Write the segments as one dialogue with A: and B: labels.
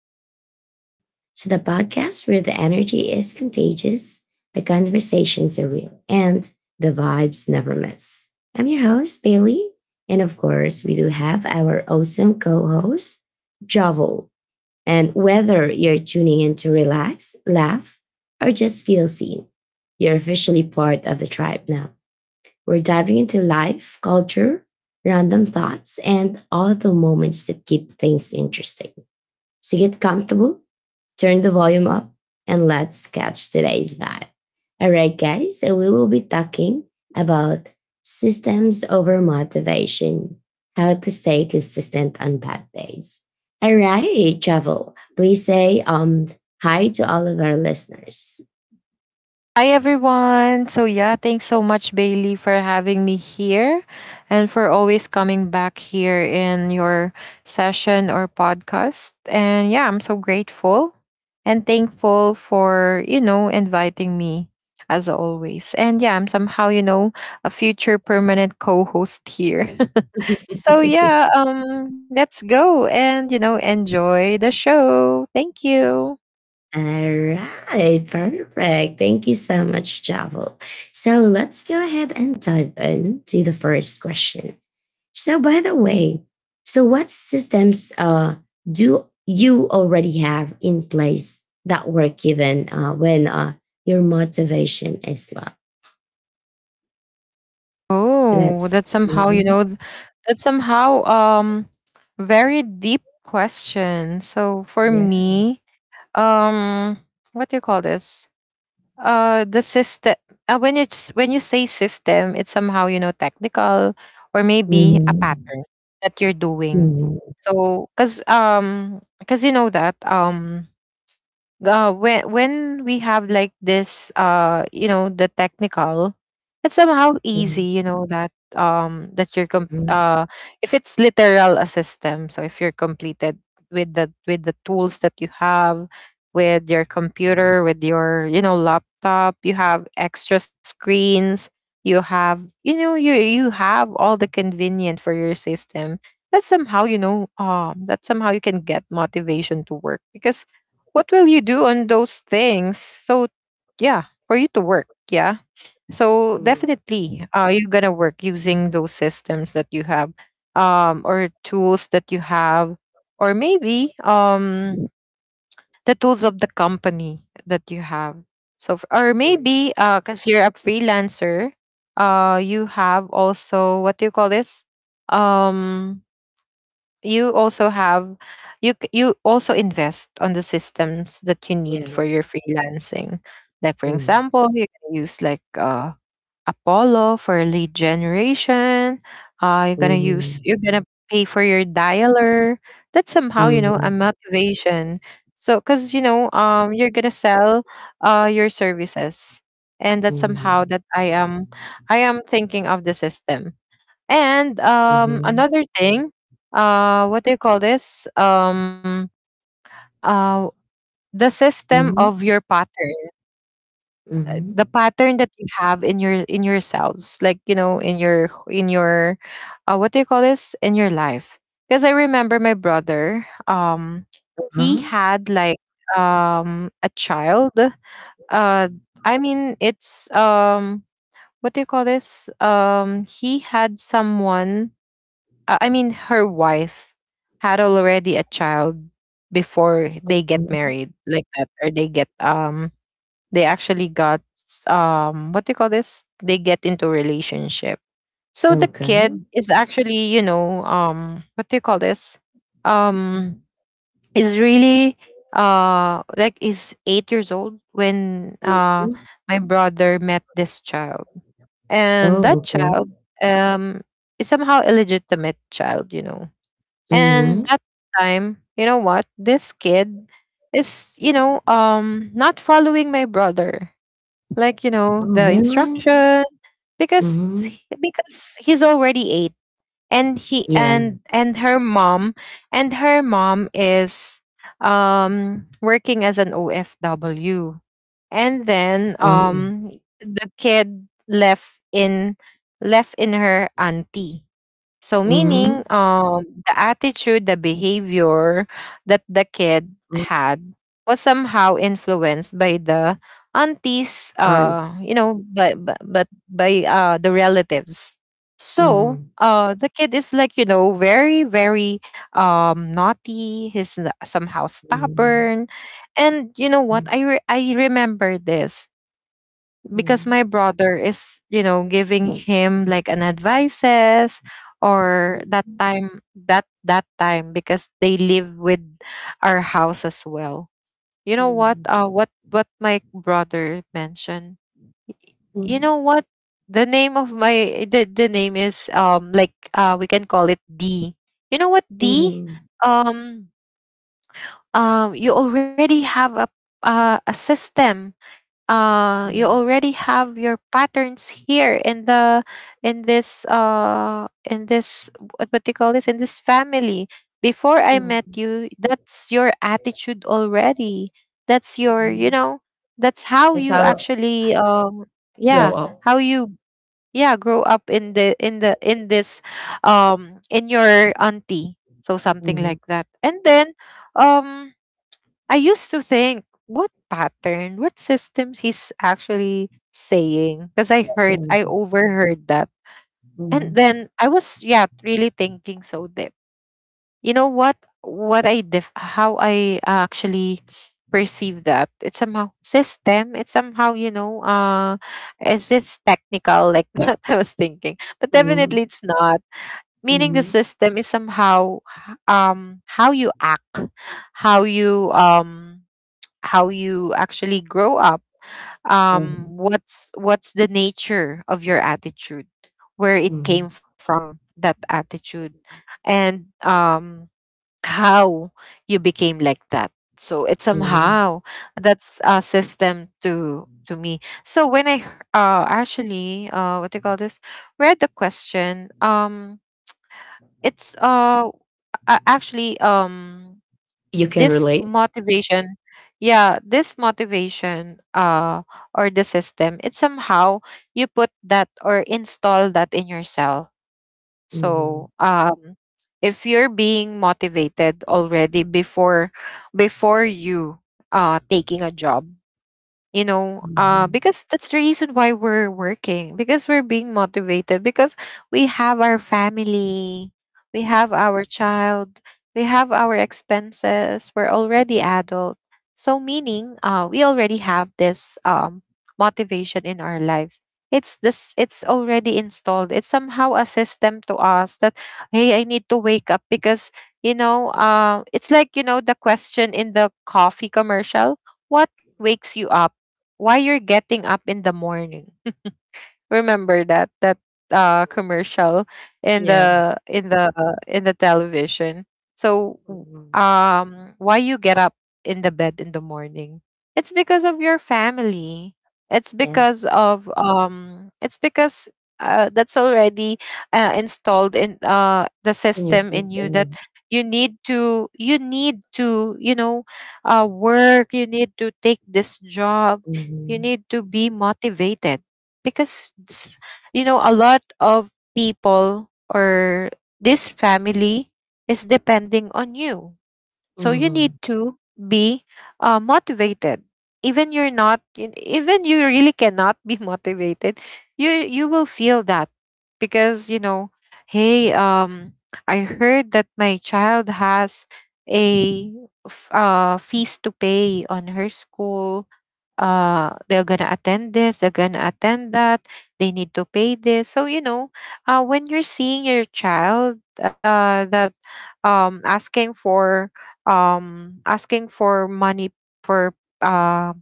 A: to the Vibe Tribe. So, the podcast where the energy is contagious, the conversations are real, and the vibes never miss. I'm your host, Bailey. And of course, we do have our awesome co host, Jovel. And whether you're tuning in to relax, laugh, or just feel seen, you're officially part of the tribe now. We're diving into life, culture, random thoughts, and all the moments that keep things interesting. So get comfortable, turn the volume up, and let's catch today's vibe. All right, guys, so we will be talking about systems over motivation, how to stay consistent on bad days. All right, Travel, please say hi to all of our listeners.
B: Hi, everyone. Thanks so much, Bailey, for having me here and for always coming back here in your session or podcast. I'm so grateful and thankful for, inviting me as always. I'm somehow, a future permanent co host here. Let's go and, enjoy the show. Thank you.
A: All right, perfect. Thank you so much, Javel. So let's go ahead and dive into the first question. So, by the way, so what systems do you already have in place that work even when your motivation is low?
B: Oh,
A: Let's.
B: that's somehow,
A: Mhm.
B: that's somehow very deep question. So for
A: Yes.
B: me, um what do you call this? The system when it's when you say system, it's somehow, technical or maybe a
A: Mhm.
B: pattern that you're doing.
A: Mhm.
B: So cuz you know that when we have like this you know the technical, it's somehow easy
A: Mhm.
B: you know that that
A: Mhm.
B: if it's literal a system. So if you're completed with the tools that you have, with your computer, with your you know laptop, you have extra screens, you have you know you have all the convenient for your system that somehow you know that somehow you can get motivation to work. Because what will you do on those things? So yeah, for you to work, yeah. So
A: Mhm.
B: definitely, you're gonna work using those systems that you have, or tools that you have, or maybe the tools of the company that you have. So or maybe cause you're a freelancer, you have also what do you call this? Um, you also have you also invest on the systems that you need
A: Yeah.
B: for your freelancing, like for
A: Mhm.
B: example you can use like Apollo for lead generation. You're gonna use, you're gonna pay for your dialer. That's somehow you know a
A: Mhm.
B: motivation. So because you know you're gonna sell your services, and that somehow
A: Mhm.
B: that I am thinking of the system. And
A: Mhm.
B: another thing, what do you call this? Uh, the system
A: Mhm.
B: of your pattern,
A: Mhm.
B: the pattern that you have in your in yourselves, like you know, in your what do you call this? In your life. Because I remember my brother. He
A: Huh?
B: had like a child. Uh, I mean, it's what do you call this? He had someone, I mean, her wife had already a child before they get
A: Mhm.
B: married, like that, or they get they actually got what do you call this? They get into relationship. So the
A: Okay.
B: kid is actually, you know, what do you call this? Um, is really like is 8 years old when
A: Mhm.
B: my brother met this child. And that
A: Oh, okay.
B: child um is somehow illegitimate child, you know. And
A: Mhm.
B: that time, you know what, this kid is you know not following my brother, like you know,
A: Oh,
B: the
A: really?
B: instruction.
A: Mhm.
B: Because he's already eight. and he
A: Yeah.
B: and and her mom, and her mom is working as an OFW. And then
A: Oh.
B: the kid left in, left in her auntie. So
A: Mhm.
B: meaning the attitude, the behavior that the kid
A: Mm.
B: had was somehow influenced by the aunties,
A: Aunt.
B: you know, but by the relatives. So
A: Mhm.
B: the kid is like you know very naughty. Somehow
A: Mhm.
B: stubborn. And you know what, I remember this because
A: Mhm.
B: my brother is you know giving him like an advices or that
A: Mhm.
B: time, that time because they live with our house as well. You know what,
A: Mhm.
B: what my brother mentioned. Y- you
A: Mhm.
B: know what, the name of the name is like we can call it D. You know what, D,
A: Mhm.
B: um you already have a system. You
A: Mhm.
B: already have your patterns here in the in this in this, what do you call this, in this family. Before I
A: Mhm.
B: met
A: Mhm.
B: you, that's your attitude already. That's your you
A: Mhm.
B: know, that's how
A: That's
B: you
A: how I
B: actually
A: grow
B: yeah
A: up.
B: how you, yeah, grow up in the in the in this in your auntie, so something
A: Mhm.
B: like that. And then um I used to think, what pattern, what system he's actually saying? Because I heard,
A: Okay.
B: I overheard that. And
A: Mhm.
B: then I was, yeah, really thinking so deep. You know what? How I actually perceive that, it's somehow system. It's somehow you know, it's just technical like that? I was thinking, but
A: Mhm.
B: definitely it's not. Meaning the
A: Mhm.
B: system is somehow how you act, how you um how you actually grow up,
A: Mhm.
B: what's the nature of your attitude, where it
A: Mhm.
B: came from that attitude. And how you became like that. So it's
A: Mhm.
B: somehow, that's a system to me. So when I actually what do you call this, read the question, it's actually
A: You can
B: this
A: relate?
B: motivation, yeah, this motivation, or the system, it's somehow you put that or install that in yourself.
A: Mhm.
B: So if you're being motivated already before, before you taking a job. You know,
A: Mhm.
B: because that's the reason why we're working, because we're being motivated, because we have our family, we have our child, we have our expenses, we're already adult. So meaning we already have this motivation in our lives. It's this, it's already installed, it's somehow a system to us that hey, I need to wake up because you know, it's like you know the question in the coffee commercial, what wakes you up, why you're getting up in the morning. Remember that, that commercial in
A: Yeah.
B: the in the in the television. So
A: Mhm.
B: why you get up in the bed in the morning? It's because of your family. It's because
A: Yes.
B: of it's because that's already installed in the
A: In your
B: system in you that
A: system.
B: you need to you know work. You need to take this job, you
A: Mhm.
B: need to be motivated because you know a lot of people or this family is depending on you. So you need
A: Mhm.
B: to be motivated. Even you're not, even you really cannot be motivated. You will feel that because you know, hey, I heard that my child has a fees to pay on her school. They're gonna attend this, they're gonna attend that, they need to pay this. So you know, when you're seeing your child, that asking for asking for money for uh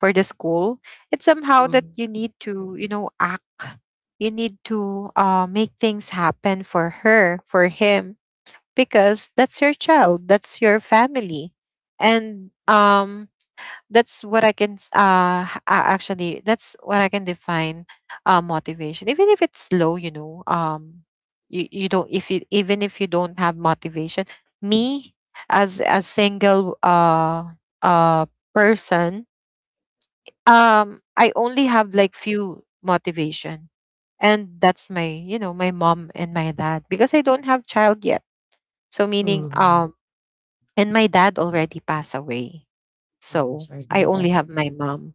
B: for the school, it's somehow that
A: Mm.
B: you need to you know act, you need to make things happen for her, for him, because that's your child, that's your family. And that's what I can actually that's what I can define motivation. Even if it's low, you know, you, you don't, if you, even if you don't have motivation, me as a single uh person, I only have like few motivation. And that's my, you know, my mom and my dad, because I don't have child yet. So meaning
A: Mhm.
B: and my dad already passed away.
A: I'm
B: So
A: sorry to
B: I
A: hear
B: only
A: that.
B: have my mom.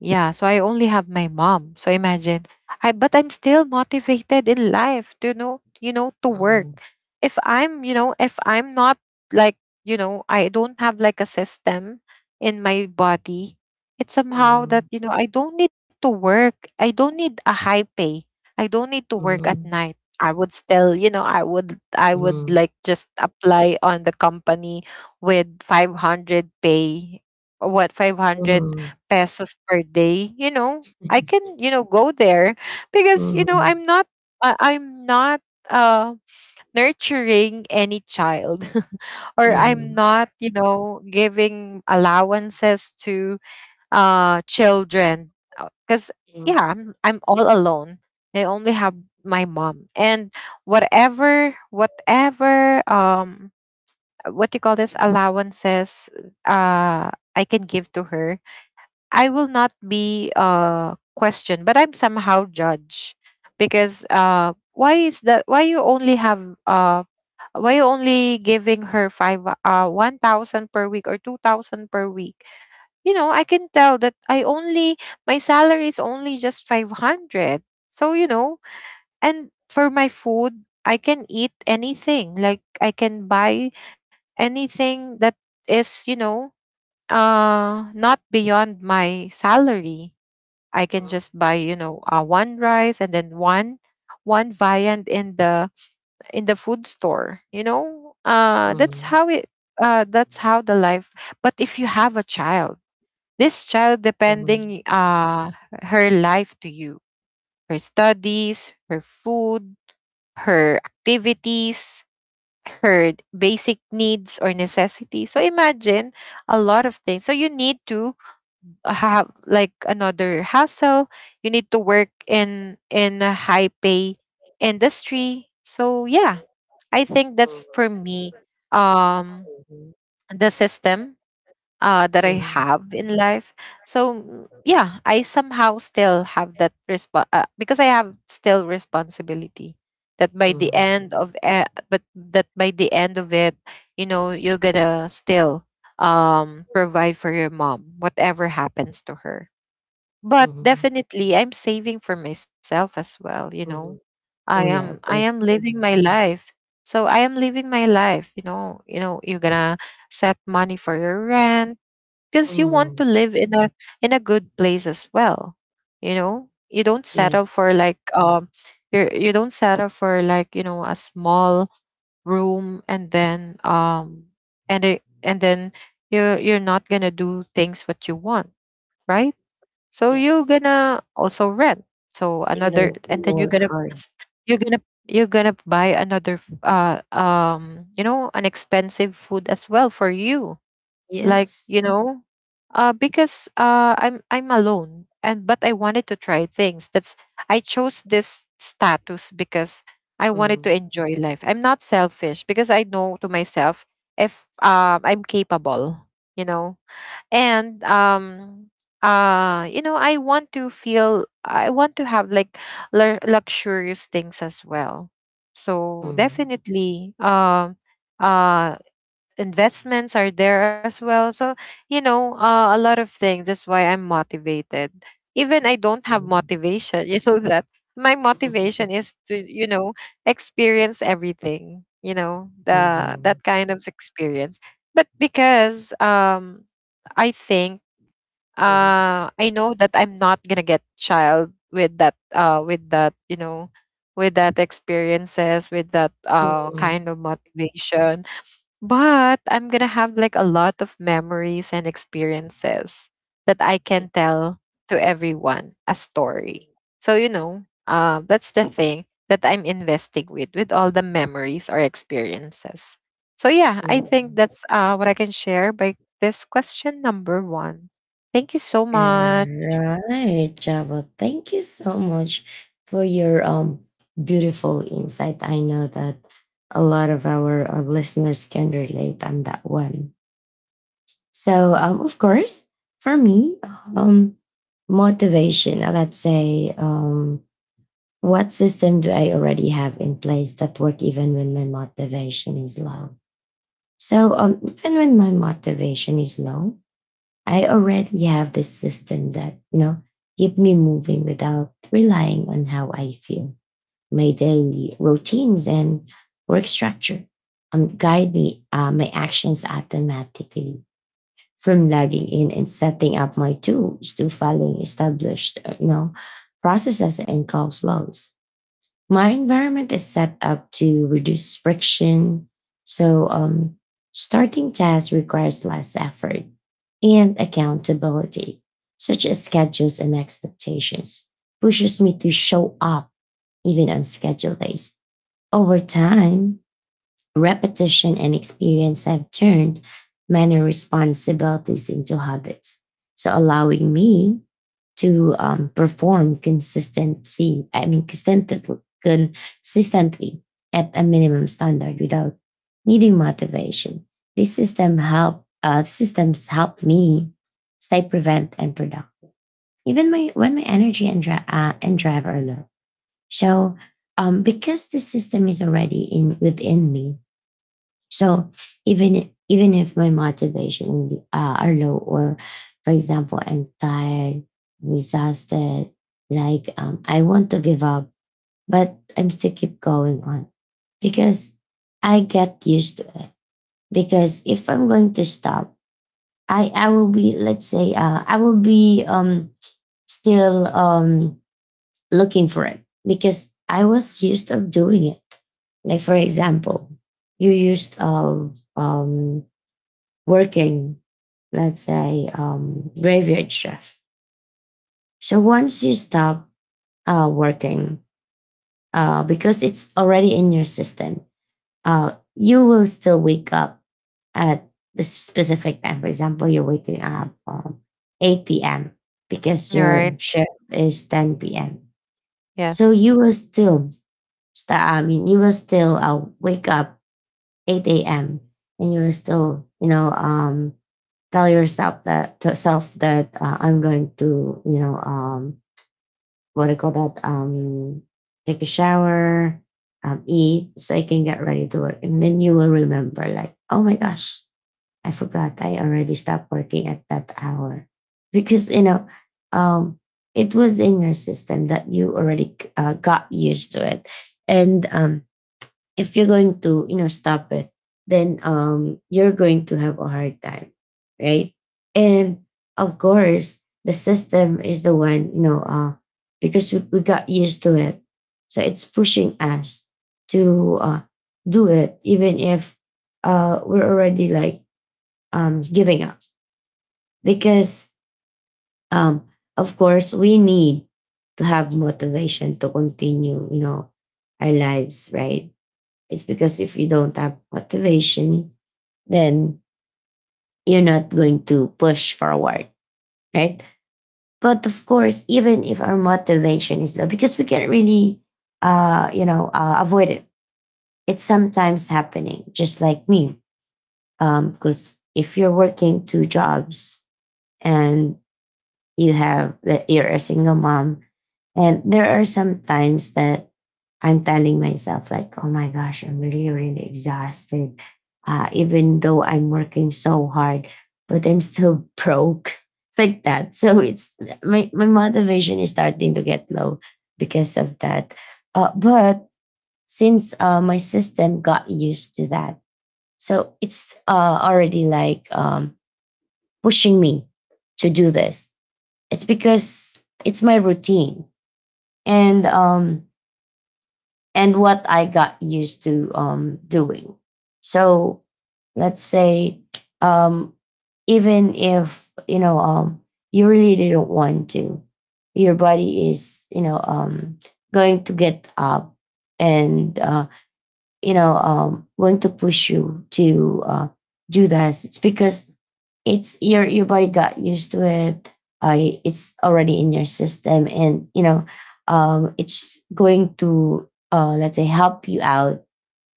B: Yeah, so I only have my mom. So imagine, I, but I'm still motivated in life to know, you know, to work.
A: Mhm.
B: If I'm, you know, if I'm not, like, you know, I don't have like a system in my body, it's somehow that,
A: Mhm.
B: you know, I don't need to work. I don't need a high pay. I don't need to work at
A: Mhm.
B: night. I would still, you know, I would, I would
A: Mhm.
B: like just apply on the company with 500 pay, or what, 500 pesos per day, you know, I can, you know, go there because, you know,
A: Mhm.
B: I'm not, I'm not uh, nurturing any child or
A: Mhm.
B: I'm not, you know, giving allowances to children. Because,
A: Mhm.
B: yeah,
A: Mhm.
B: I'm all alone. I only have my mom. And whatever, what do you call this, allowances, uh, I can give to her, I will not be questioned, but I'm somehow judged. Because why is that, why you only have why you only giving her five 1,000 per week or 2,000 per week? You know, I can tell that I only, my salary is only just 500. So, you know, and for my food, I can eat anything. Like I can buy anything that is, you know, not beyond my salary. I can just buy, you know, one rice and then one viand in the food store. You know, that's
A: Mhm.
B: how it. That's how the life. But if you have a child, this child
A: Mhm.
B: depending her life to you, her studies, her food, her activities, her basic needs or necessities. So imagine a lot of things. So you need to have like another hassle. You need to work in a high pay industry, so yeah, I think
A: Mhm.
B: that's for me, um
A: Mhm.
B: the system that I
A: Mhm.
B: have in life. So yeah, I somehow still have that response because I have still responsibility.
A: Mhm.
B: That by the end of it, you know, you're gonna still provide for your mom whatever happens to her. But
A: Mhm.
B: definitely I'm saving for myself as well, you know.
A: Mhm. Oh,
B: i
A: yeah,
B: am
A: of
B: i
A: course.
B: am living my life. So I am living my life. You know you're gonna set money for your rent because you want
A: Mhm.
B: to live in a good place as well. You know, you don't settle
A: Yes.
B: for like, you don't settle for like, you know, a small room, and then and then you're not gonna do things what you want, right? So you're
A: Yes.
B: gonna also rent. So
A: You can
B: another, and then you're
A: work
B: gonna
A: hard.
B: you're gonna you're gonna buy you know, an expensive food as well for you. Like,
A: Yes.
B: you know, because I'm alone, and but I wanted to try things. That's, I chose this status because I wanted
A: Mm,
B: to enjoy life. I'm not selfish because I know to myself, if I'm capable. You know, and you know, I want to feel, I want to have like luxurious things as well. So
A: mm,
B: definitely, uh investments are there as well. So you know, a lot of things, that's why I'm motivated even I don't have
A: mm.
B: motivation you know that. My motivation is to, you know, experience everything, you know, the
A: Mhm,
B: that kind of experience. But because I think
A: mhm.
B: I know that I'm not gonna get child with that, with that experiences, with that
A: Hmm.
B: kind of motivation. But I'm gonna have like a lot of memories and experiences that I can tell to everyone a story. So you know, that's the thing that I'm investing with all the memories or experiences. So yeah, I think
A: Hmm.
B: that's what I can share by this question number one. Thank you so much.
A: All right, Java. Thank you so much for your beautiful insight. I know that a lot of our listeners can relate on that one. So, of course, for me, um, motivation. Let's say. What system do I already have in place that work even when my motivation is low? So even when my motivation is low, I already have this system that keep me moving without relying on how I feel. My daily routines and work structure guide me, my actions automatically, from logging in and setting up my tools to following established processes and call flows. My environment is set up to reduce friction. So, starting tasks requires less effort, and accountability, such as schedules and expectations, pushes me to show up even on scheduled days. Over time, repetition and experience have turned many responsibilities into habits, so allowing me to perform I mean, consistently, at a minimum standard without needing motivation. This system help systems help me stay prevent and productive, even my when my energy and and drive are low. So because the system is already in within me, so even if my motivation are low, or for example, I'm tired, I'm exhausted, like I want to give up, but I'm still keep going on because I get used to it. Because if I'm going to stop, I will be, let's say, I will be still looking for it because I was used of doing it. Like for example, you used of working, let's say, graveyard shift. So once you stop working, because it's already in your system, you will still wake up at the specific time. For example, you're waking up 8 p.m. because
B: All
A: your
B: right.
A: shift is 10 p.m. So
B: Yes.
A: you will still I mean, you will still wake up 8 a.m. and you will still, you know, tell yourself that to self that I'm going to, you know, what do you call that? Take a shower, eat, so I can get ready to work. And then you will remember, like, oh my gosh, I forgot, I already stopped working at that hour, because, you know, um, it was in your system that you already got used to it. And if you're going to, you know, stop it, then you're going to have a hard time, right? And of course, the system is the one, you know, because we got used to it, so it's pushing us to do it even if we're already like giving up, because um of course, we need to have motivation to continue, you know, our lives, right? It's because if you don't have motivation, then you're not going to push forward, right? But of course, even if our motivation is low, because we can't really, avoid it. It's sometimes happening, just like me. Because if you're working two jobs, and you have that you're a single mom, and there are some times that I'm telling myself, like, oh my gosh, I'm really, really exhausted. Even though I'm working so hard, but I'm still broke like that. So it's my motivation is starting to get low because of that. But since my system got used to that, so it's already like pushing me to do this. It's because it's my routine. And um, and what I got used to doing. So let's say, um, even if you know, you really didn't want to, your body is, you know, going to get up, and you know, going to push you to do this. It's because it's your body got used to it. I it's already in your system, and you know, it's going to, let's say, help you out,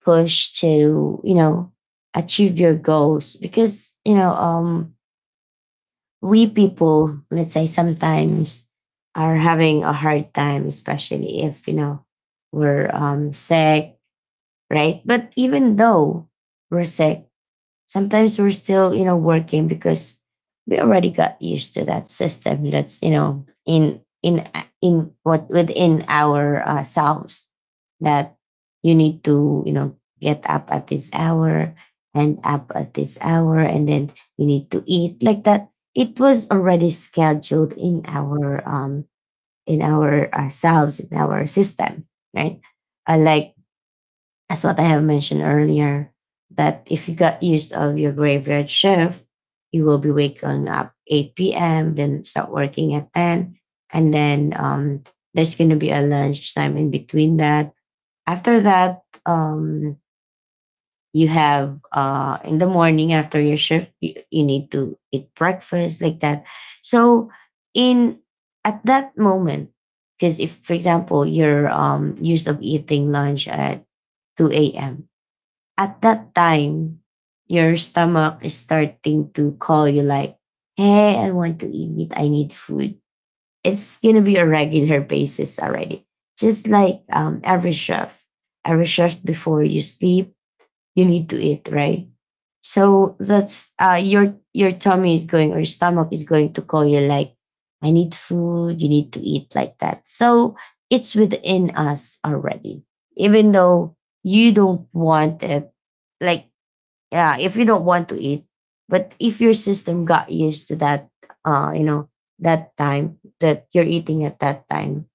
A: push to, you know, achieve your goals, because, you know, we people, let's say, sometimes are having a hard time, especially if you know we're sick, right? But even though we're sick, sometimes we're still, you know, working, because we already got used to that system that's, you know, in what within our selves, that you need to, you know, get up at this hour, and up at this hour, and then you need to eat, like that. It was already scheduled in our ourselves, in our system, right? Like, as what I have mentioned earlier, that if you got used of your graveyard shift, you will be waking up 8 p.m., then start working at 10. And then there's going to be a lunch time in between that. After that, you have in the morning after your shift, you need to eat breakfast, like that. So in at that moment, because if, for example, you're used of eating lunch at 2 a.m., at that time, your stomach is starting to call you like, hey, I want to eat. I need food. It's going to be a regular basis already. Just like every chef, before you sleep, you need to eat, right? So that's your tummy is going, or your stomach is going to call you like, I need food. You need to eat, like that. So it's within us already, even though you don't want it. Like, yeah, if you don't want to eat, but if your system got used to that you know, that time that you're eating at that time,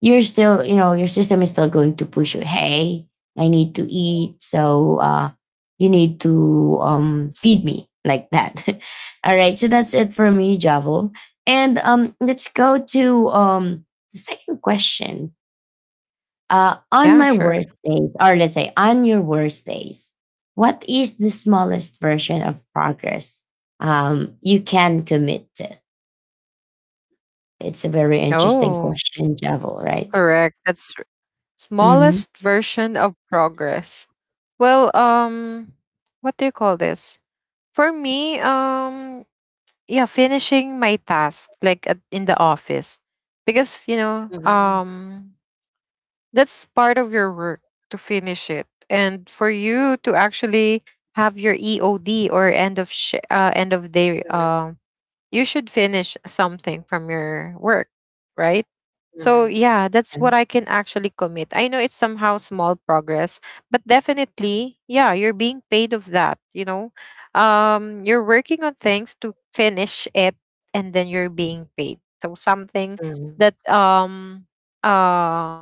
A: you're still, you know, your system is still going to push you: hey, I need to eat. So you need to feed me, like that. All right, so that's it for me, Javo. And let's go to the second question. On
B: Yeah.
A: my
B: Sure.
A: worst days, or let's say on your worst days, what is the smallest version of progress you can commit to? It's a very interesting
B: Oh,
A: question, Javel, right?
B: correct. That's,
A: Mm-hmm.
B: smallest version of progress. Well, what do you call this? For me, yeah, finishing my task like in the office, because you know,
A: Mhm,
B: that's part of your work to finish it, and for you to actually have your EOD or end of day, you should finish something from your work, right? So
A: mhm,
B: yeah, that's
A: mhm.
B: what I can actually commit. I know it's somehow small progress, but definitely, yeah, you're being paid of that, you know. You're working on things to finish it, and then you're being paid. So something
A: Yeah. Mhm,
B: that uh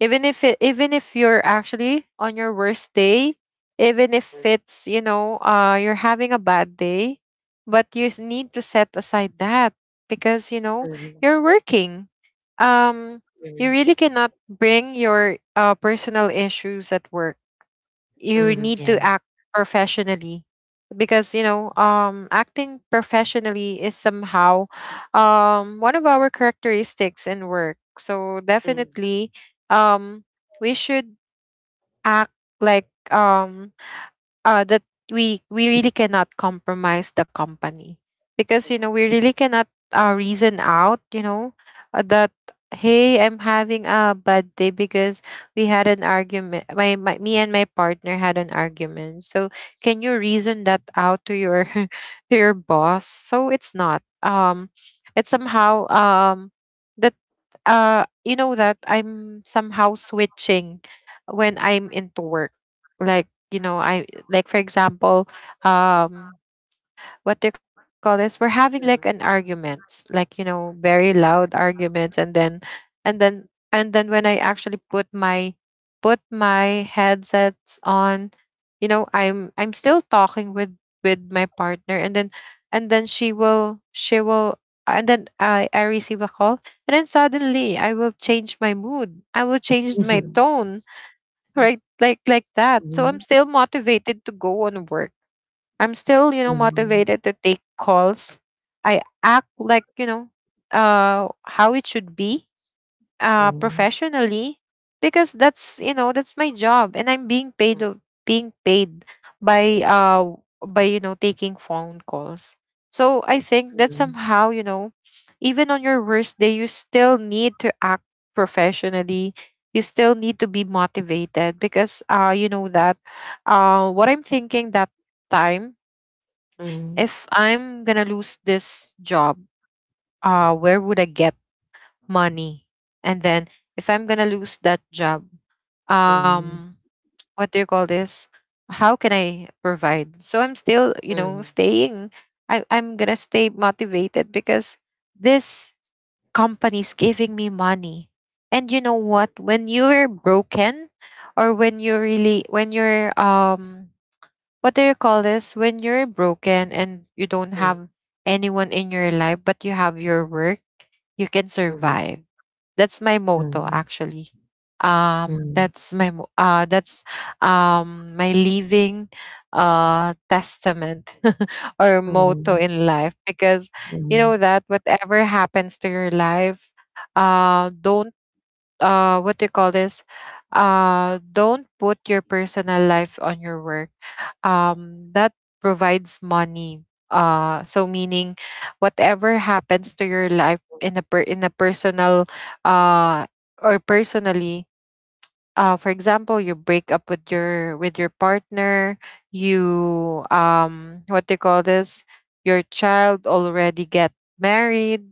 B: even if you're actually on your worst day, even if it's, you know, you're having a bad day, but you need to set aside that, because you know,
A: mhm,
B: you're working, um
A: mhm,
B: you
A: mhm.
B: really cannot bring your personal issues at work. You need
A: Yeah.
B: to act professionally, because you know, acting professionally is somehow one of our characteristics in work. So
A: Mhm,
B: definitely, um we should act like, that we really cannot compromise the company, because you know,
A: mhm,
B: we really cannot reason out, you know, that hey, I'm having a bad day because we had an argument, my me and my partner had an argument, so can you reason that out to your to your boss? So it's not it's somehow that you know, that I'm somehow switching when I'm into work. Like, you know, I like, for example, um what do you call this, we're having like an argument, like, you know, very loud arguments, and then when I actually put my headsets on, you know, I'm still talking with my partner, and then she will, and then I receive a call, and then suddenly I will change my mood, I will change my
A: mhm.
B: tone, right? Like that. So
A: Mhm.
B: I'm still motivated to go on work. I'm still, you know,
A: Mhm,
B: motivated to take calls. I act like, you know, how it should be, professionally, because that's, you know, that's my job and I'm being being paid by by, you know, taking phone calls. So I think that somehow, you know, even on your worst day, you still need to act professionally. You still need to be motivated, because you know that what I'm thinking that time, if I'm gonna lose this job, where would I get money? And then if I'm gonna lose that job, um, what do you call this? How can I provide? So I'm still, you
A: mhm, mhm, mhm, mhm,
B: know,
A: mhm, mhm,
B: staying. I'm gonna stay motivated, because this company's giving me money. And you know what? When you're broken, or when you're really, when you're what do you call this? When you're broken and you don't have anyone in your life, but you have your work, you can survive. That's my
A: mhm,
B: motto
A: mhm,
B: actually.
A: mhm,
B: That's my that's my living testament or
A: mhm,
B: motto
A: mhm.
B: in life, because you
A: Mhm,
B: know that whatever happens to your life, don't, what do you call this, don't put your personal life on your work, that provides money. So meaning, whatever happens to your life in a in a personal, uh, or personally, for example, you break up with your partner, you, what do you call this, your child already get married,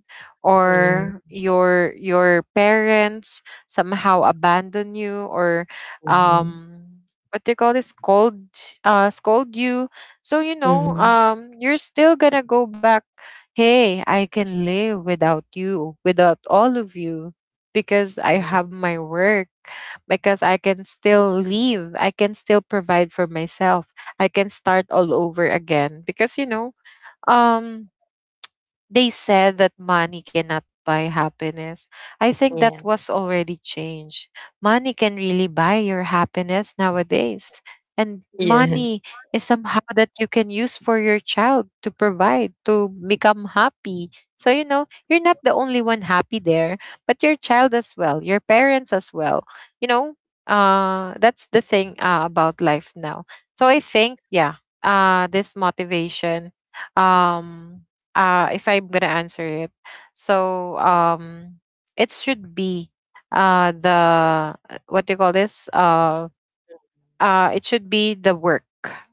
A: mhm,
B: or your parents somehow abandon you, or
A: mhm,
B: um what do you call this, scold, scold you, so you know,
A: mhm,
B: you're still gonna go back, hey, I can live without you, without all of you, because I
A: mhm.
B: have my work, because I can still leave. I can still provide for myself. I can start all over again, because you know, um they said that money cannot buy happiness. I think that
A: Yeah.
B: was already changed. Money can really buy your happiness nowadays. And
A: Yeah.
B: money is somehow that you can use for your child to provide, to become happy. So, you know, you're not the only one happy there, but your child as well, your parents as well. You know, that's the thing about life now. So I think, yeah, this motivation, um if I'm gonna answer it, so it should be the what do you call this, it should be the work.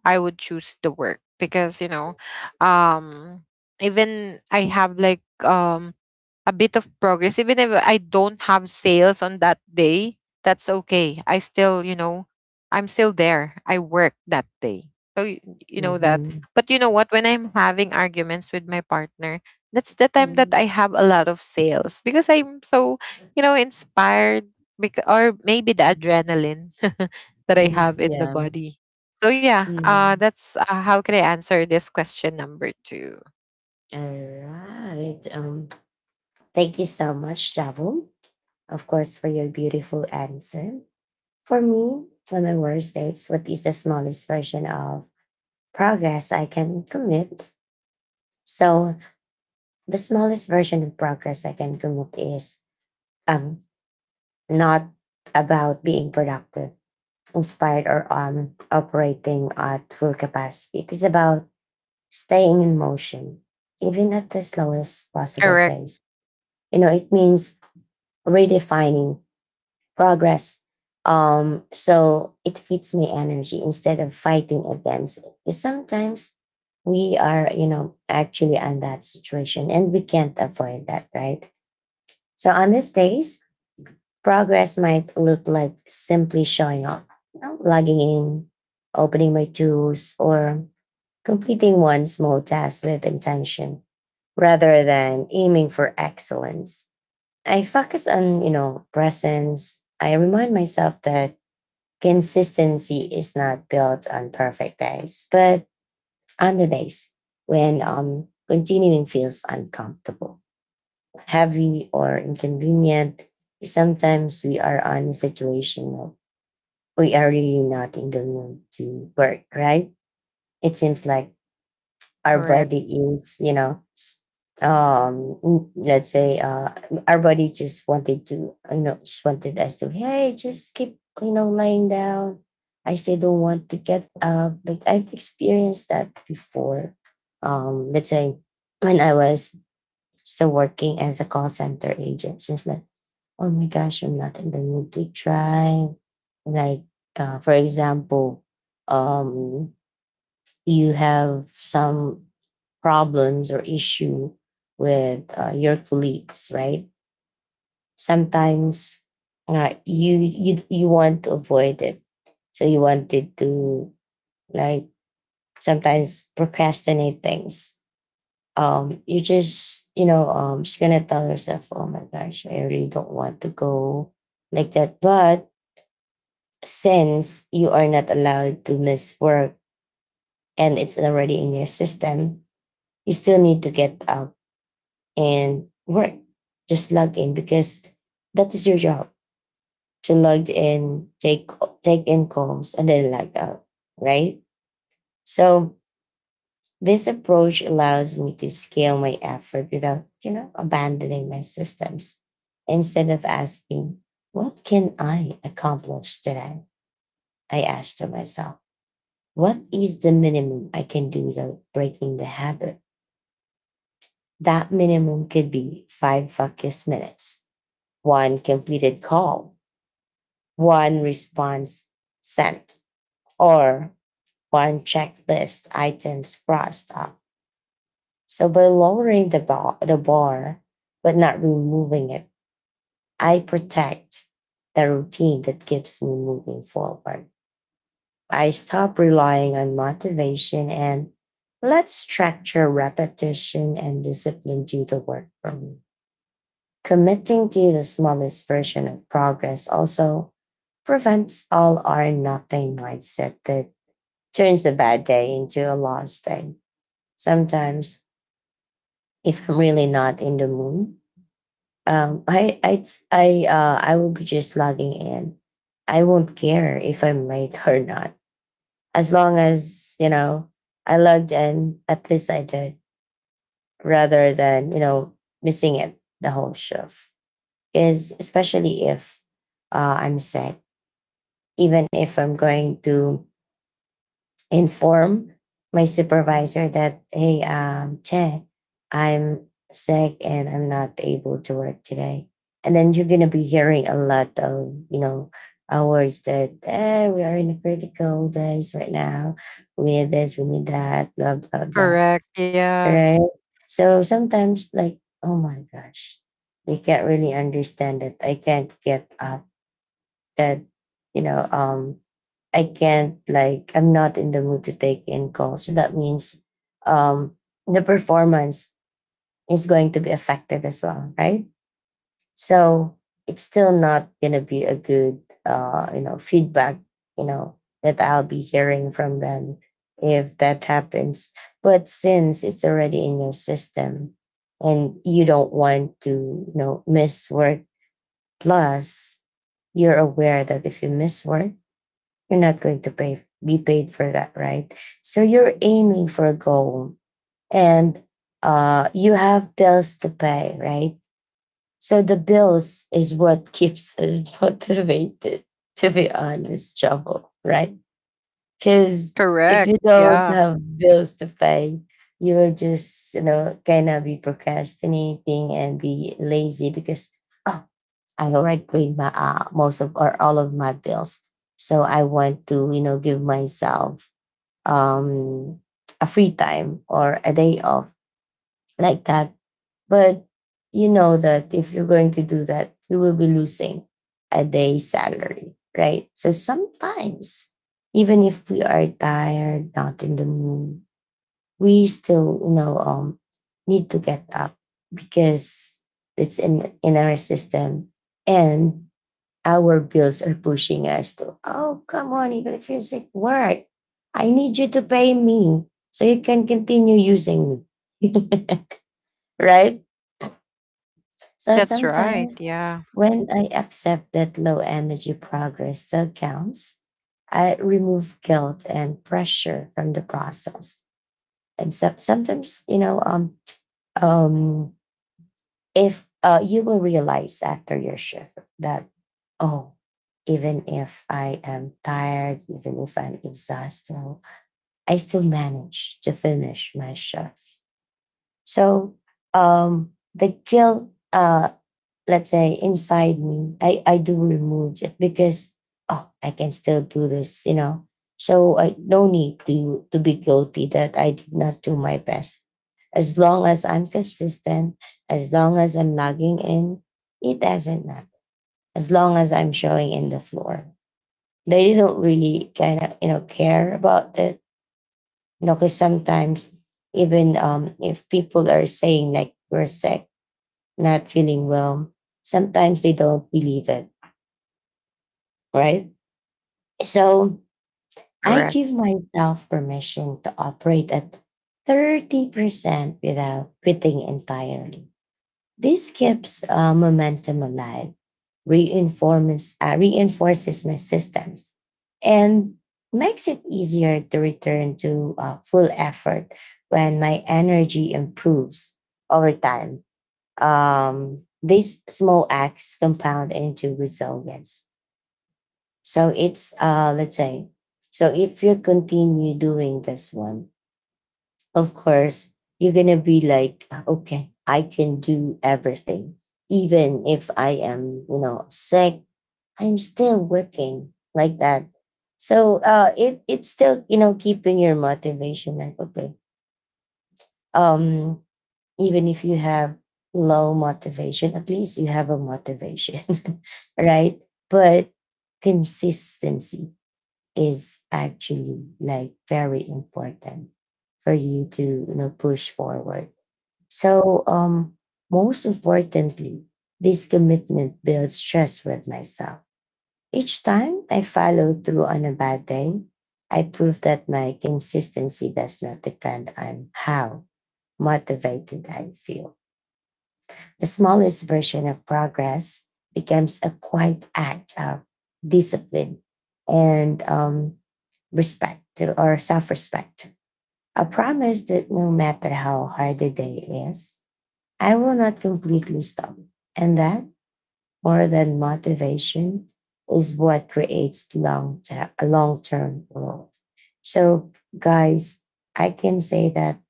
B: I would choose the work, because you know, um, even I have like a bit of progress. Even if I don't have sales on that day, that's okay, I still, you know, I'm still there, I work that day, so you know that.
A: Mhm.
B: But you know what, when I'm having arguments with my partner, that's the time that I
A: Mhm.
B: have a lot of sales, because I'm so, you know, inspired, because, or maybe the
A: Mhm,
B: adrenaline that I
A: mhm,
B: have in the
A: yeah.
B: body. So yeah,
A: Mhm.
B: that's, how can I answer this question number two.
A: Alright, thank you so much, Javu. Of course, for your beautiful answer. For me, on my worst days, what is the smallest version of progress I can commit? So the smallest version of progress I can commit is um not about being productive, inspired, or operating at full capacity. It is about staying in motion, even at the slowest possible
B: Correct,
A: pace. You know, it means redefining progress. So it feeds my energy instead of fighting against it. 'Cause sometimes we are, you know, actually in that situation and we can't avoid that, right? So on these days, progress might look like simply showing up, you know, logging in, opening my tools, or completing one small task with intention rather than aiming for excellence. I focus on, you know, presence. I remind myself that consistency is not built on perfect days, but on the days when continuing feels uncomfortable, heavy, or inconvenient. Sometimes we are on a situation of we are really not in the mood to work, right? It seems like our
B: correct,
A: body is, you know, let's say, our body just wanted to, you know, just wanted us to, hey, just keep, you know, lying down. I still don't want to get up. Like I've experienced that before. Let's say when I was still working as a call center agent, seems like, oh my gosh, I'm not in the mood to try. Like, for example, um, you have some problems or issue with your colleagues, right? Sometimes you want to avoid it, so you wanted to, like, sometimes procrastinate things. You just, you know, just gonna tell yourself, oh my gosh, I really don't want to go, like that, but since you are not allowed to miss work and it's already in your system, you still need to get up and work. Just log in because that is your job, to log in, take in calls, and then log out. Right. So this approach allows me to scale my effort without, you know, abandoning my systems. Instead of asking, what can I accomplish today? I asked to myself, what is the minimum I can do without breaking the habit? That minimum could be five focus minutes, one completed call, one response sent, or one checklist items crossed off. So by lowering the bar, but not removing it, I protect the routine that keeps me moving forward. I stop relying on motivation and let structure, repetition, and discipline do the work for me. Committing to the smallest version of progress also prevents all or nothing mindset that turns a bad day into a lost day. Sometimes, if I'm really not in the mood, um, I I I will be just logging in. I won't care if I'm late or not, as long as, you know, I logged in, at least I did, rather than, you know, missing it the whole shift. Is especially if I'm sick, even if I'm going to inform my supervisor that, hey, Che, I'm sick and I'm not able to work today. And then you're going to be hearing a lot of, you know, hours that we are in a critical days right now. We need this, we need that, blah, blah, blah.
B: correct. Yeah.
A: Right? So sometimes, like, oh my gosh, they can't really understand that I can't get up, that, you know, I can't, like, I'm not in the mood to take in calls. So that means um the performance is going to be affected as well, right? So it's still not gonna be a good you know feedback, you know, that I'll be hearing from them if that happens. But since it's already in your system and you don't want to, you know, miss work, plus you're aware that if you miss work, you're not going to pay be paid for that, right? So you're aiming for a goal, and you have bills to pay, right? So the bills is what keeps us motivated, to be honest trouble, right? Because if
B: Correct,
A: you don't
B: yeah.
A: have bills to pay, you will just, you know, kind of be procrastinating and be lazy because, oh, I already paid my most of or all of my bills. So I want to, you know, give myself um a free time or a day off, like that. But you know that if you're going to do that, you will be losing a day's salary, right? So sometimes, even if we are tired, not in the mood, we still, you know, need to get up because it's in our system and our bills are pushing us to, oh, come on, even if you're sick, work. I need you to pay me so you can continue using me. Right? So
B: That's right,
A: sometimes
B: yeah,
A: when I accept that low energy progress still counts, I remove guilt and pressure from the process. And so, sometimes, you know, um, if you will realize after your shift that, oh, even if I am tired, even if I'm exhausted, I still manage to finish my shift. So the guilt, let's say inside me, I do remove it because, oh, I can still do this, you know. So I no need to be guilty that I did not do my best, as long as I'm consistent, as long as I'm logging in. It doesn't matter, as long as I'm showing in the floor, they don't really kind of, you know, care about it, you know. Because sometimes, even if people are saying like we're sick, not feeling well, sometimes they don't believe it, right? So I
B: correct.
A: give myself permission to operate at 30% without quitting entirely. This keeps momentum alive, reinforces my systems, and makes it easier to return to full effort when my energy improves over time. These small acts compound into resilience. So it's let's say, so if you continue doing this one, of course you're gonna be like, okay, I can do everything. Even if I am, you know, sick, I'm still working like that. So it's still, you know, keeping your motivation like, okay, um, even if you have low motivation, at least you have a motivation, right? But consistency is actually like very important for you to, you know, push forward. So most importantly, this commitment builds trust with myself. Each time I follow through on a bad day, I prove that my consistency does not depend on how motivated I feel. The smallest version of progress becomes a quiet act of discipline and respect or self respect. A promise that no matter how hard the day is, I will not completely stop. And that, more than motivation, is what creates long term growth. So, guys, I can say that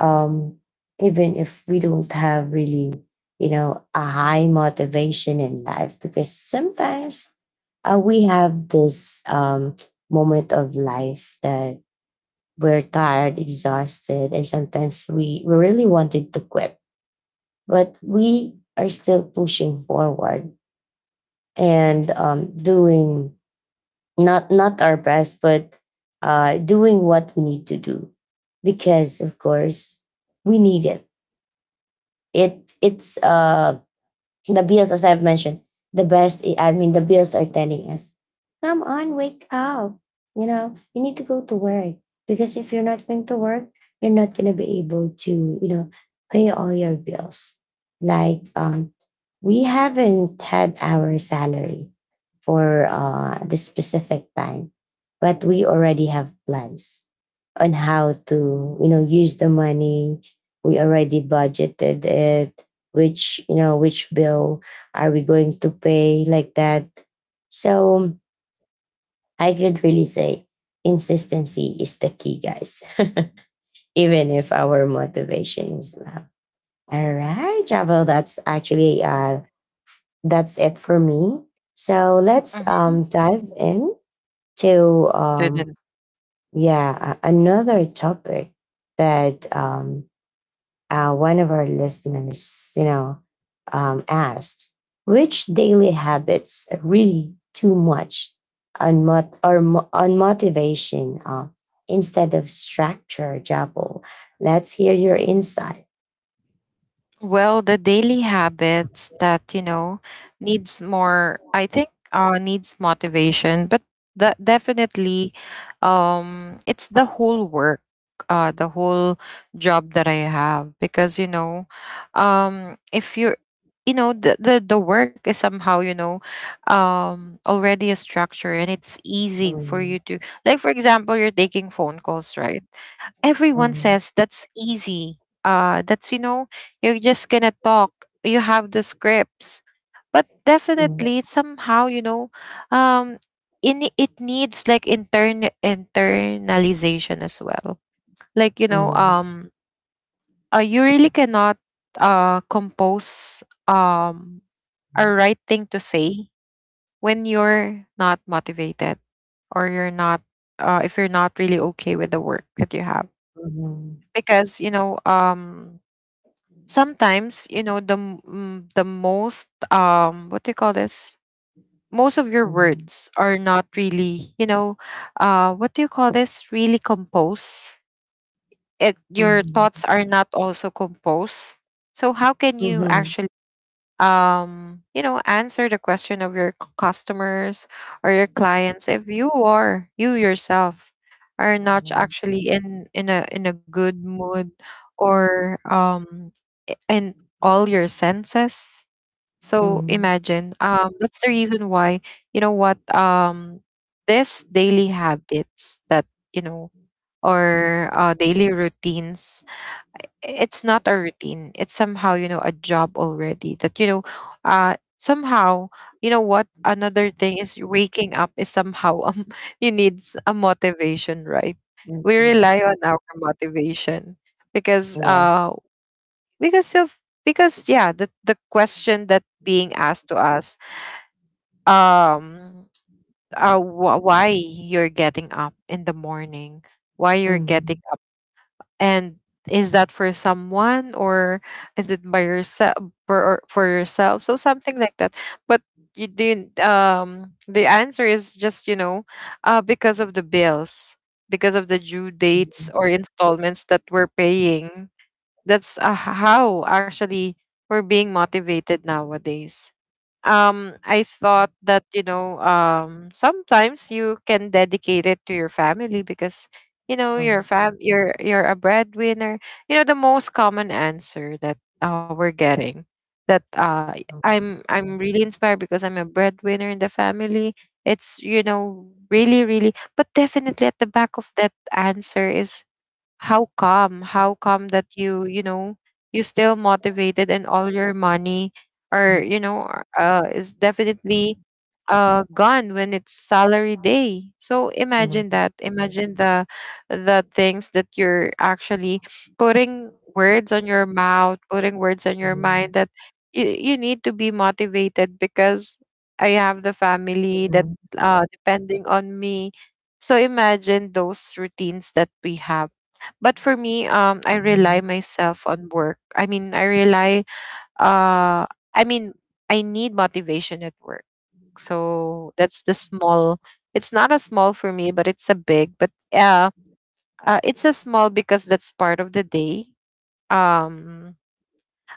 A: um, even if we don't have really, you know, a high motivation in life, because sometimes we have this moment of life that we're tired, exhausted, and sometimes we really wanted to quit, but we are still pushing forward and doing not our best, but doing what we need to do because, of course, we need it. It it's The bills, as I've mentioned, I mean, the bills are telling us, come on, wake up. You know, you need to go to work because if you're not going to work, you're not going to be able to, you know, pay all your bills. Like, we haven't had our salary for the specific time, but we already have plans on how to, you know, use the money. We already budgeted it, which, you know, which bill are we going to pay, like that. So I could really say, consistency is the key, guys, even if our motivation is low. All right, Javel, that's actually that's it for me. So let's
B: Mhm.
A: dive in to
B: Shouldn't.
A: yeah, another topic, that one of our listeners, you know, asked which daily habits really too much on on motivation, instead of structure, Jabo. Let's hear your insight.
B: Well, the daily habits that, you know, needs more, I think, needs motivation, but the definitely, it's the whole work, the whole job that I have, because, you know, if you're, you know, the work is somehow, you know, already a structure and it's easy for
A: Um,
B: you to, like, for example, you're taking phone calls, right? Everyone
A: um,
B: says that's easy. That's, you know, you're just gonna talk. You have the scripts. But
A: mm,
B: definitely it's somehow, you know, um, in it needs like internalization as well. Like,
A: mm,
B: you really cannot compose um a right thing to say when you're not motivated, or you're not, if you're not really okay with the work that you have.
A: mm,
B: Because sometimes, the the most, what do you call this, most of your
A: mhm,
B: words are not really, what do you call this, really composed. It your
A: mhm,
B: thoughts are not also composed. So how can
A: mhm,
B: you
A: mhm,
B: actually, answer the question of your customers or your clients, if you yourself are not
A: mhm,
B: actually in a good mood, or in all your senses. So
A: mhm,
B: imagine, that's the reason why. You know what This daily habits that you know or daily routines. It's not a routine, it's somehow, a job already that, somehow. You know what Another thing is, waking up is somehow, you need a motivation, right? We rely
A: yeah.
B: on our motivation, because,
A: Yes.
B: because of because yeah, the question that being asked to us, um why you're getting up in the morning, why you're getting.
A: Mm,
B: And is that for someone, or is it by yourself, for or for yourself? So something like that. But you didn't, the answer is just, because of the bills, because of the due dates
A: mm,
B: or installments that we're paying. That's, how actually we're being motivated nowadays. I thought that, sometimes you can dedicate it to your family, because you know your
A: mm,
B: fam you're a breadwinner. The most common answer that, we're getting, that,
A: mm,
B: I'm really inspired because I'm a breadwinner in the family. It's, really, really. But definitely, at the back of that answer is, how come, how come that you still motivated. And all your money, or
A: mm,
B: you know are- uh is definitely, gone when it's salary day. So imagine
A: mm,
B: that, imagine the things that you're actually putting words on your mouth, putting words on your mind,
A: mhm,
B: that you need to be motivated, because I have the family that,
A: mhm,
B: depending on me. So imagine those routines that we have. But for me, I rely
A: mhm,
B: myself on work. I mean, I rely. Uh, I mean, I need motivation at work. So that's the small. It's not a small for me, but it's a big. But, it's a small because that's part of the day. Um,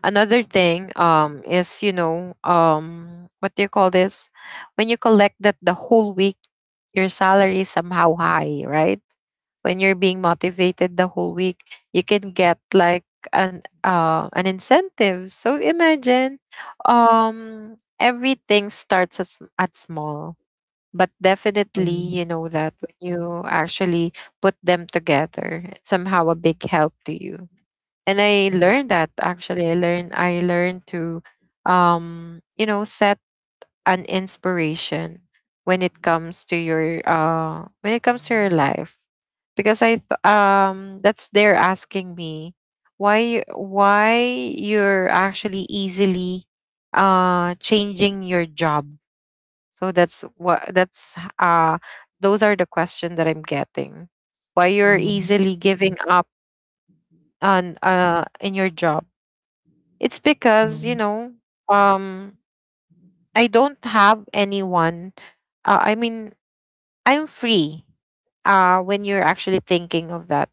B: Another thing, is, what do you call this? When you collect that the whole week, your salary is somehow high, right? When you're being motivated the whole week, you can get like an incentive. So imagine, everything starts as at small. But definitely,
A: mhm,
B: you know that when you actually put them together, it's somehow a big help to you. And I
A: mhm,
B: learned that, actually. I learned to, set an inspiration when it comes to your, life. Because I th- that's they're asking me, why, why you're actually easily, changing your job. So that's what, that's those are the questions that I'm getting. Why you're
A: mhm,
B: easily giving up, on in your job. It's
A: mhm,
B: because,
A: mhm, mhm,
B: um I don't have anyone. I mean, I'm free, when you're actually thinking of that.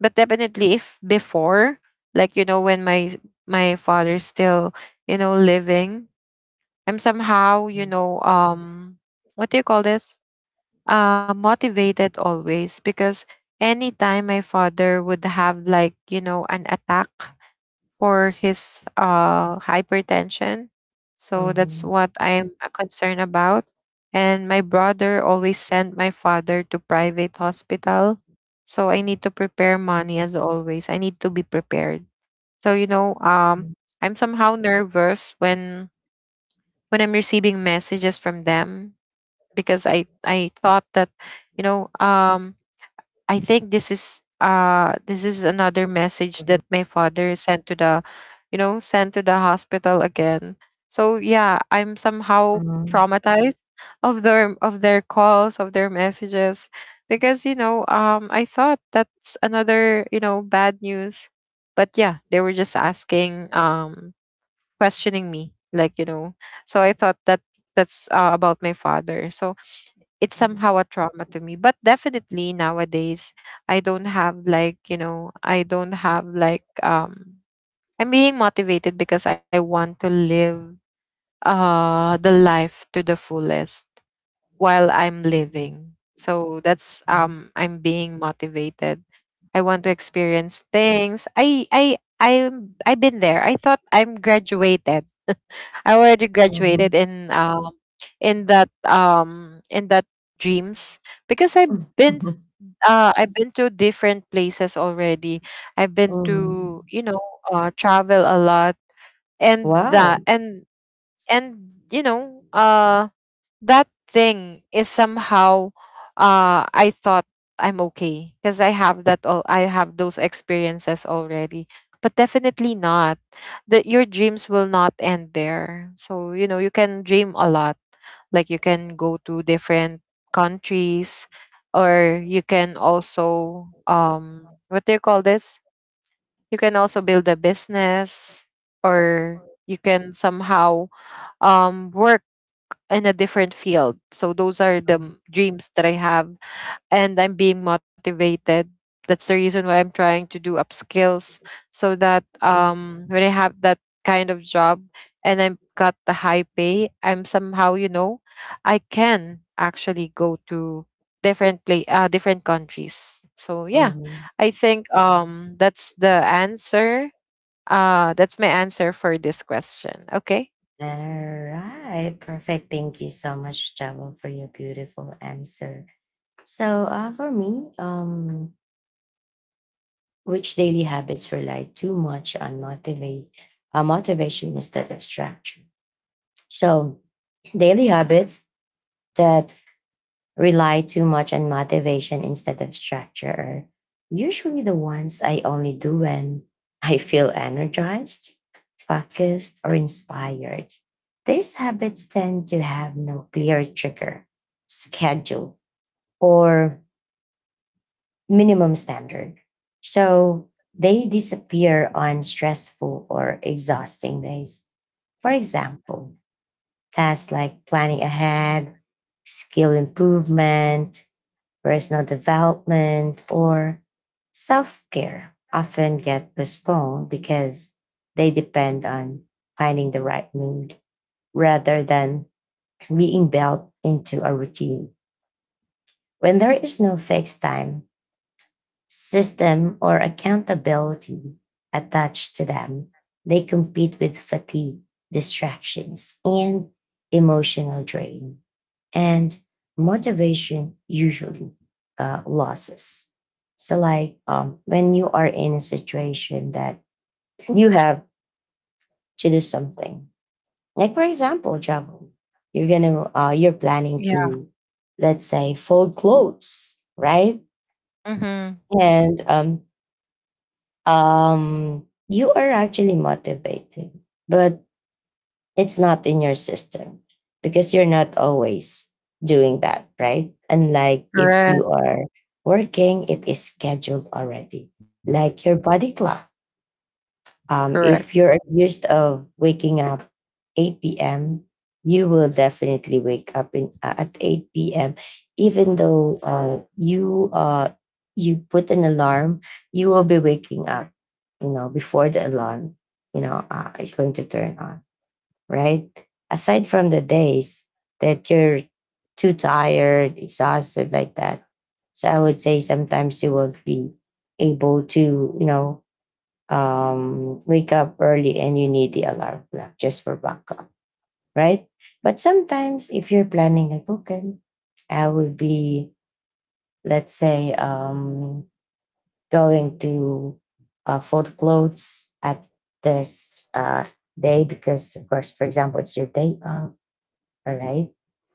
B: But definitely, if before, like, when my father's still, living, I'm somehow, what do you call this? Motivated always, because anytime my father would have, like, an attack for his, hypertension. So that's
A: mhm,
B: what I'm, concerned about. And my brother always sent my father to private hospital. So I need to prepare money, as always. I need to be prepared. So,
A: mhm,
B: I'm somehow nervous when, I'm receiving messages from them, because I thought that, you know, um, I think this is, another message that my father sent to the, hospital again. So yeah, I'm somehow traumatized of their, calls, of their messages, because I thought that's another, bad news. But yeah, they were just asking, questioning me, like. So I thought that that's, about my father. So it's somehow a trauma to me. But definitely nowadays, I don't have, like, I don't have, like, I'm being motivated because I want to live, the life to the fullest while I'm
A: mhm,
B: living. So that's, I'm being motivated. I want to experience things. I've been there. I thought I'm graduated. I already graduated
A: mhm,
B: in that dreams, because I've been,
A: mhm,
B: I've been to different places already. I've been to,
A: mhm.
B: travel a lot, and
A: Wow.
B: that, and that thing is somehow, I thought I'm okay, because I have that all. I have those experiences already. But definitely not. That your dreams will not end there. So, you can dream a lot. Like, you can go to different countries, or you can also, what do you call this? You can also build a business, or you can somehow, work in a different field. So those are the
A: Mhm,
B: dreams that I have, and I'm being motivated. That's the reason why I'm trying to do upskills, so that, when I have that kind of job and I've got the high pay, I'm somehow, I can actually go to different, play different countries. So yeah,
A: mhm.
B: I think, that's the answer. That's my answer for this question. Okay?
A: All right. Perfect. Thank you so much, Java, for your beautiful answer. So, for me, which daily habits rely too much on motivation instead of structure? So, daily habits that rely too much on motivation instead of structure are usually the ones I only do when I feel energized, focused, or inspired. These habits tend to have no clear trigger, schedule, or minimum standard. So they disappear on stressful or exhausting days. For example, tasks like planning ahead, skill improvement, personal development, or self care often get postponed because they depend on finding the right mood rather than being built into a routine. When there is no fixed time, system, or accountability attached to them, they compete with fatigue, distractions, and emotional drain, and motivation usually losses. So, like, when you are in a situation that you have to do something, like for example, Jabo, you're gonna you're planning to, let's say, fold clothes, right?
B: Mm-hmm.
A: And you are actually motivated, but it's not in your system because you're not always doing that, right? Unlike if
B: Correct.
A: you are working, it is scheduled already, like your body clock.
B: Correct.
A: If you're used of waking up 8 p.m., you will definitely wake up in at 8 p.m. Even though you you put an alarm, you will be waking up. You know before the alarm, is going to turn on, right? Aside from the days that you're too tired, exhausted like that. So I would say sometimes you won't be able to wake up early, and you need the alarm clock just for backup, right? But sometimes if you're planning like, okay, I will be, let's say, going to fold clothes at this day because, of course, for example, it's your day off, all right.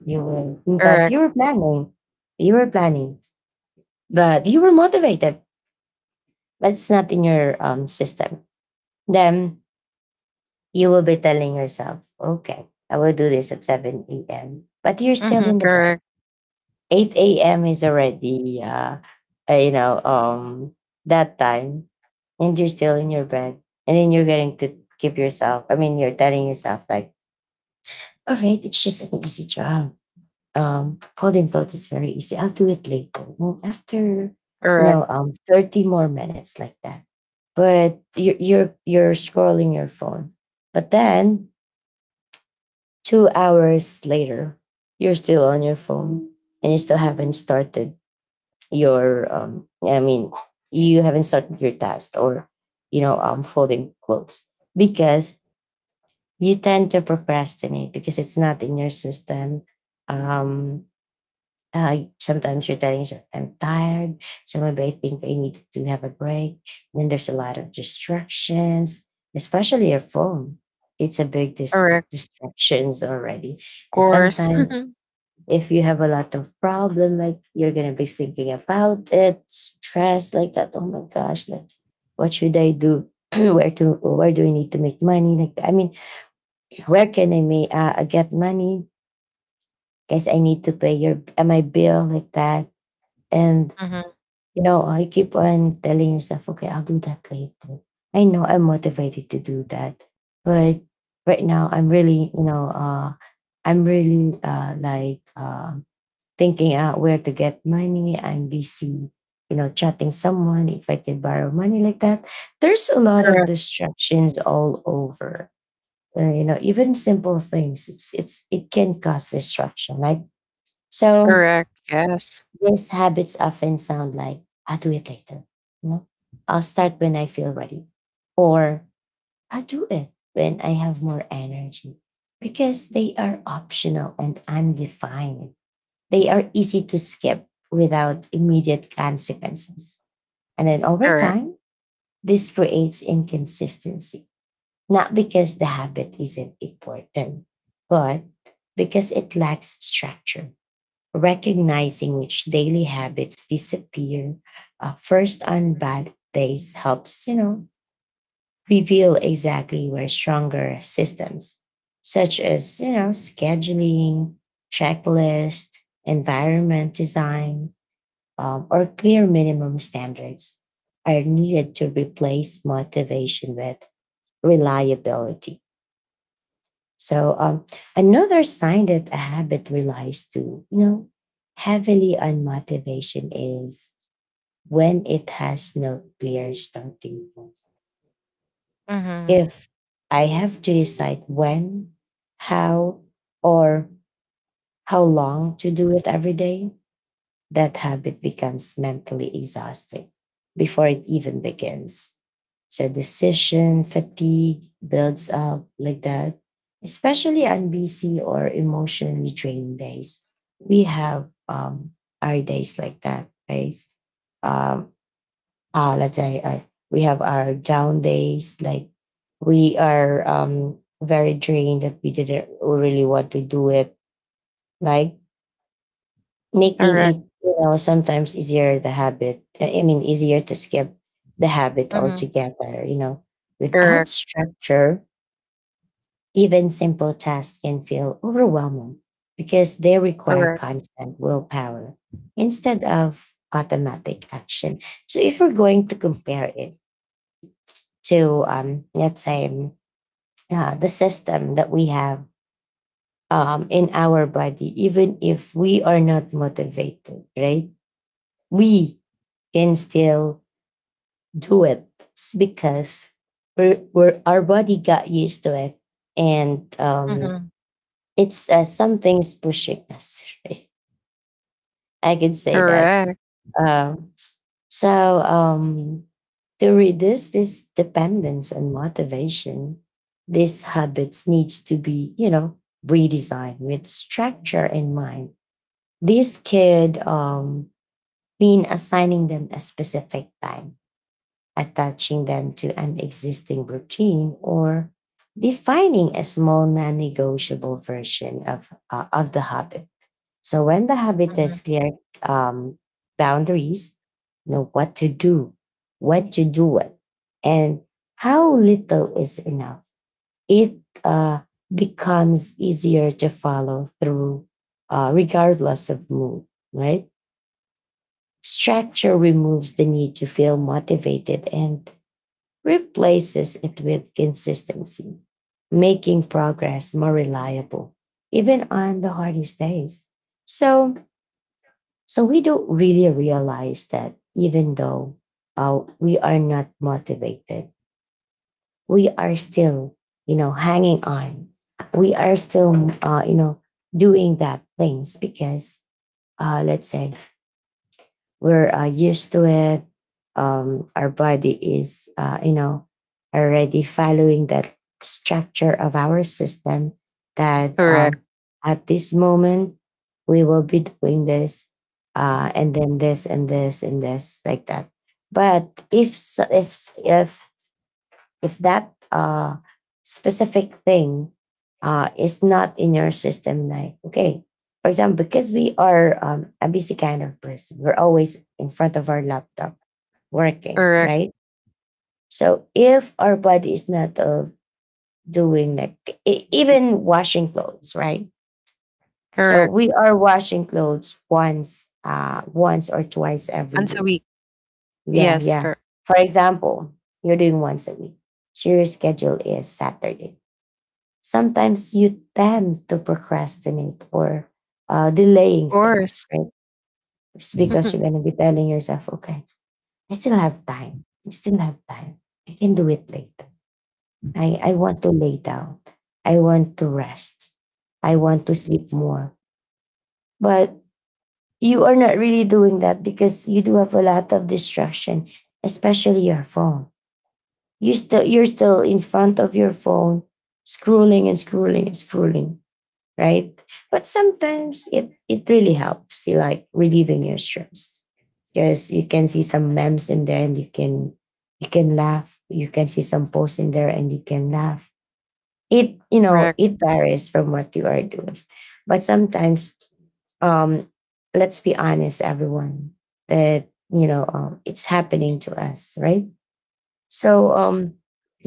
A: You were that
B: Correct.
A: you were planning. You were planning, but you were motivated, but it's not in your system. Then you will be telling yourself, okay, I will do this at 7 a.m. But you're still
B: Mhm,
A: in the bed.
B: correct,
A: 8 a.m. is already uh, you know, um that time, and you're still in your bed. And then you're getting to keep yourself, I mean you're telling yourself like, all right, it's just an easy job, holding thoughts is very easy. I'll do it later. After,
B: correct,
A: 30 more minutes like that. But you're scrolling your phone. But then 2 hours later, you're still on your phone and you still haven't started your, um, I mean, you haven't started your task or, folding clothes because you tend to procrastinate because it's not in your system. Um, Sometimes you're telling yourself, I'm tired. Sometimes I think I need to have a break. Then there's a lot of distractions, especially your phone. It's a big
B: correct.
A: distractions already.
B: Of
A: And
B: course.
A: sometimes if you have a lot of problem, like you're going to be thinking about it, stress like that. Oh my gosh, like what should I do? Where do I need to make money? Where can I make, get money? Guys, I need to pay your, my bill like that. And
B: Mhm.
A: you know, I keep on telling yourself, okay, I'll do that later. I know I'm motivated to do that. But right now I'm really, I'm really thinking out where to get money. I'm busy, you know, chatting someone if I could borrow money like that. There's a lot of
B: Correct,
A: distractions all over. You know, even simple things, it's it can cause distraction. So
B: correct. Yes.
A: these habits often sound like, I'll do it later. You know, I'll start when I feel ready. Or I'll do it when I have more energy. Because they are optional and undefined. They are easy to skip without immediate consequences. And then over
B: Correct.
A: time, this creates inconsistency. Not because the habit isn't important, but because it lacks structure. Recognizing which daily habits disappear first on bad days helps, you know, reveal exactly where stronger systems, such as, you know, scheduling, checklist, environment design, or clear minimum standards are needed to replace motivation with reliability. So another sign that a habit relies heavily on motivation is when it has no clear starting point.
B: Mhm.
A: If I have to decide when, how, or how long to do it every day, that habit becomes mentally exhausting before it even begins. So decision fatigue builds up like that, especially on busy or emotionally drained days. We have our days like that, right? Um, let's say we have our down days, like we are very drained that we didn't really want to do it. Like making
B: Correct.
A: it, you know, sometimes easier the habit, easier to skip the habit
B: Mhm.
A: altogether, you know, without
B: Correct,
A: structure, even simple tasks can feel overwhelming because they require
B: correct.
A: constant willpower instead of automatic action. So if we're going to compare it to, let's say, the system that we have in our body, even if we are not motivated, right, we can still do it. It's because our body got used to it, and
B: Mhm.
A: it's something's pushing us right? I can say that.
B: Correct.
A: Um, so um, to reduce this dependence and motivation, these habits needs to be, you know, redesigned with structure in mind. This could mean assigning them a specific time, attaching them to an existing routine, or defining a small non-negotiable version of the habit. So when the habit has
B: Mhm.
A: clear um, boundaries, know what to do, what to do it, and how little is enough, it uh, becomes easier to follow through, regardless of mood, right? Structure removes the need to feel motivated and replaces it with consistency, making progress more reliable, even on the hardest days. So, so we don't really realize that even though we are not motivated, we are still, you know, hanging on. We are still, you know, doing that things because, let's say, we're used to it. Our body is, you know, already following that structure of our system that
B: Correct,
A: at this moment we will be doing this, and then this and this and this like that. But if s- if if that specific thing is not in your system, like, okay, for example, because we are, a busy kind of person, we're always in front of our laptop working,
B: correct,
A: right? So if our body is not doing like even washing clothes, right? So
B: correct.
A: we are washing clothes once or twice every
B: Once a
A: week.
B: week.
A: Yeah,
B: Yes,
A: yeah.
B: correct.
A: For example, you're doing once a week. So your schedule is Saturday. Sometimes you tend to procrastinate or
B: Of
A: delaying things,
B: course.
A: right? It's because you're going to be telling yourself, okay, I still have time. I still have time. I can do it later. I want to lay down. I want to rest. I want to sleep more. But you are not really doing that because you do have a lot of distraction, especially your phone. You're still in front of your phone, scrolling and scrolling and scrolling, right? But sometimes it, it really helps you like relieving your stress because you can see some memes in there and you can laugh. You can see some posts in there and you can laugh. It, you know,
B: Correct.
A: it varies from what you are doing, but sometimes um let's be honest, everyone, that you know, it's happening to us, right? So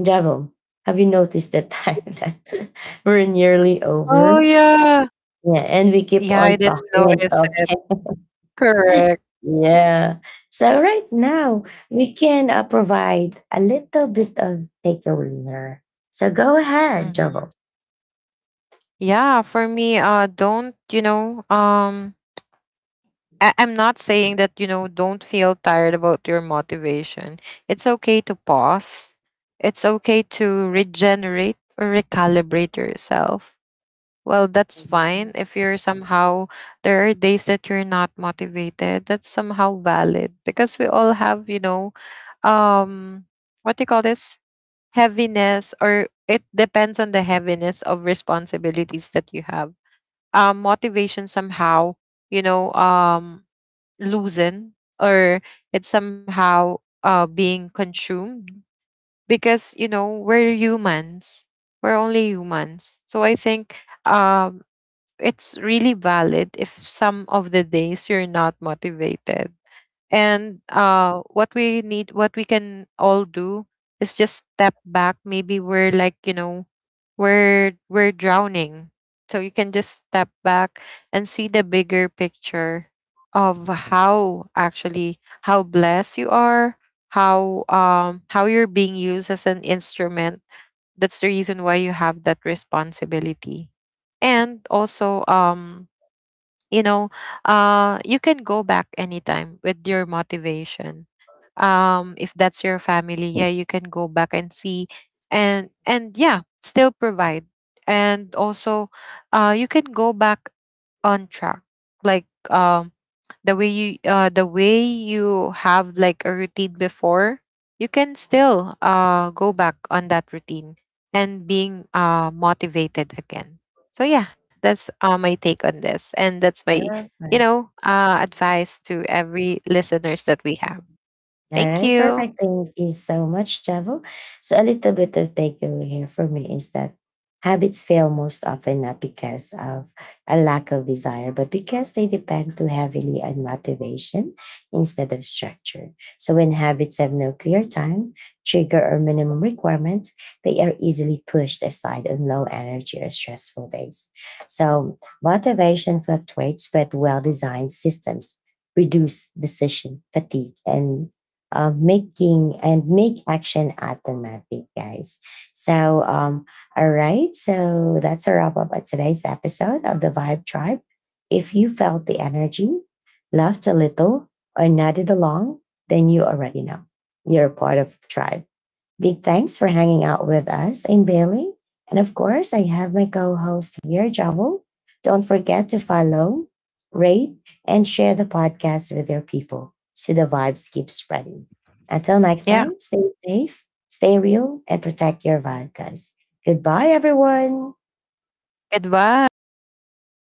A: devil, have you noticed the time that we're nearly
B: Oh
A: over?
B: yeah.
A: Yeah, and we keep
B: Yeah, I
A: on
B: didn't
A: talking and
B: notice it.
A: talking.
B: Correct.
A: Yeah. So right now we can provide a little bit of takeaway here. So go ahead, Jobo.
B: Mhm. Yeah, for me, don't you know? I'm not saying that, don't feel tired about your motivation. It's okay to pause. It's okay to regenerate or recalibrate yourself. Well, that's fine.
A: Mhm.
B: If you're somehow, there are days that you're not motivated, that's somehow valid, because we all have, um, what do you call this? Heaviness, or it depends on the heaviness of responsibilities that you have. Motivation somehow, you know, um, loosen, or it's somehow, being consumed, because we're humans, we're only humans. So I think, um, it's really valid if some of the days you're not motivated. And, what we need, what we can all do is just step back. Maybe we're, like, we're drowning. So you can just step back and see the bigger picture of how actually how blessed you are, how you're being used as an instrument. That's the reason why you have that responsibility. And also, you know you can go back anytime with your motivation. If that's your family, yeah, you can go back and see, and, yeah, still provide. And also, you can go back on track, like, um the way you, have like a routine before. You can still, go back on that routine, and being, motivated again. So yeah, that's, my take on this, and that's my,
A: Sure.
B: advice to every listeners that we have.
A: All
B: Thank
A: right,
B: you.
A: perfect. Thank you so much, Javo. So, a little bit of takeaway here for me is that habits fail most often not because of a lack of desire, but because they depend too heavily on motivation instead of structure. So, when habits have no clear time, trigger, or minimum requirement, they are easily pushed aside on low energy or stressful days. So, motivation fluctuates, but well designed systems reduce decision fatigue and of making and make action automatic, guys. So, all right. So that's a wrap up of today's episode of the Vibe Tribe. If you felt the energy, laughed a little, or nodded along, then you already know you're a part of the tribe. Big thanks for hanging out with us. I'm Bailey. And of course, I have my co host here, Javel. Don't forget to follow, rate, and share the podcast with your people so the vibes keep spreading. Until next time,
B: Yeah.
A: stay safe, stay real, and protect your vibe, guys. Goodbye, everyone.
B: Goodbye. Bye.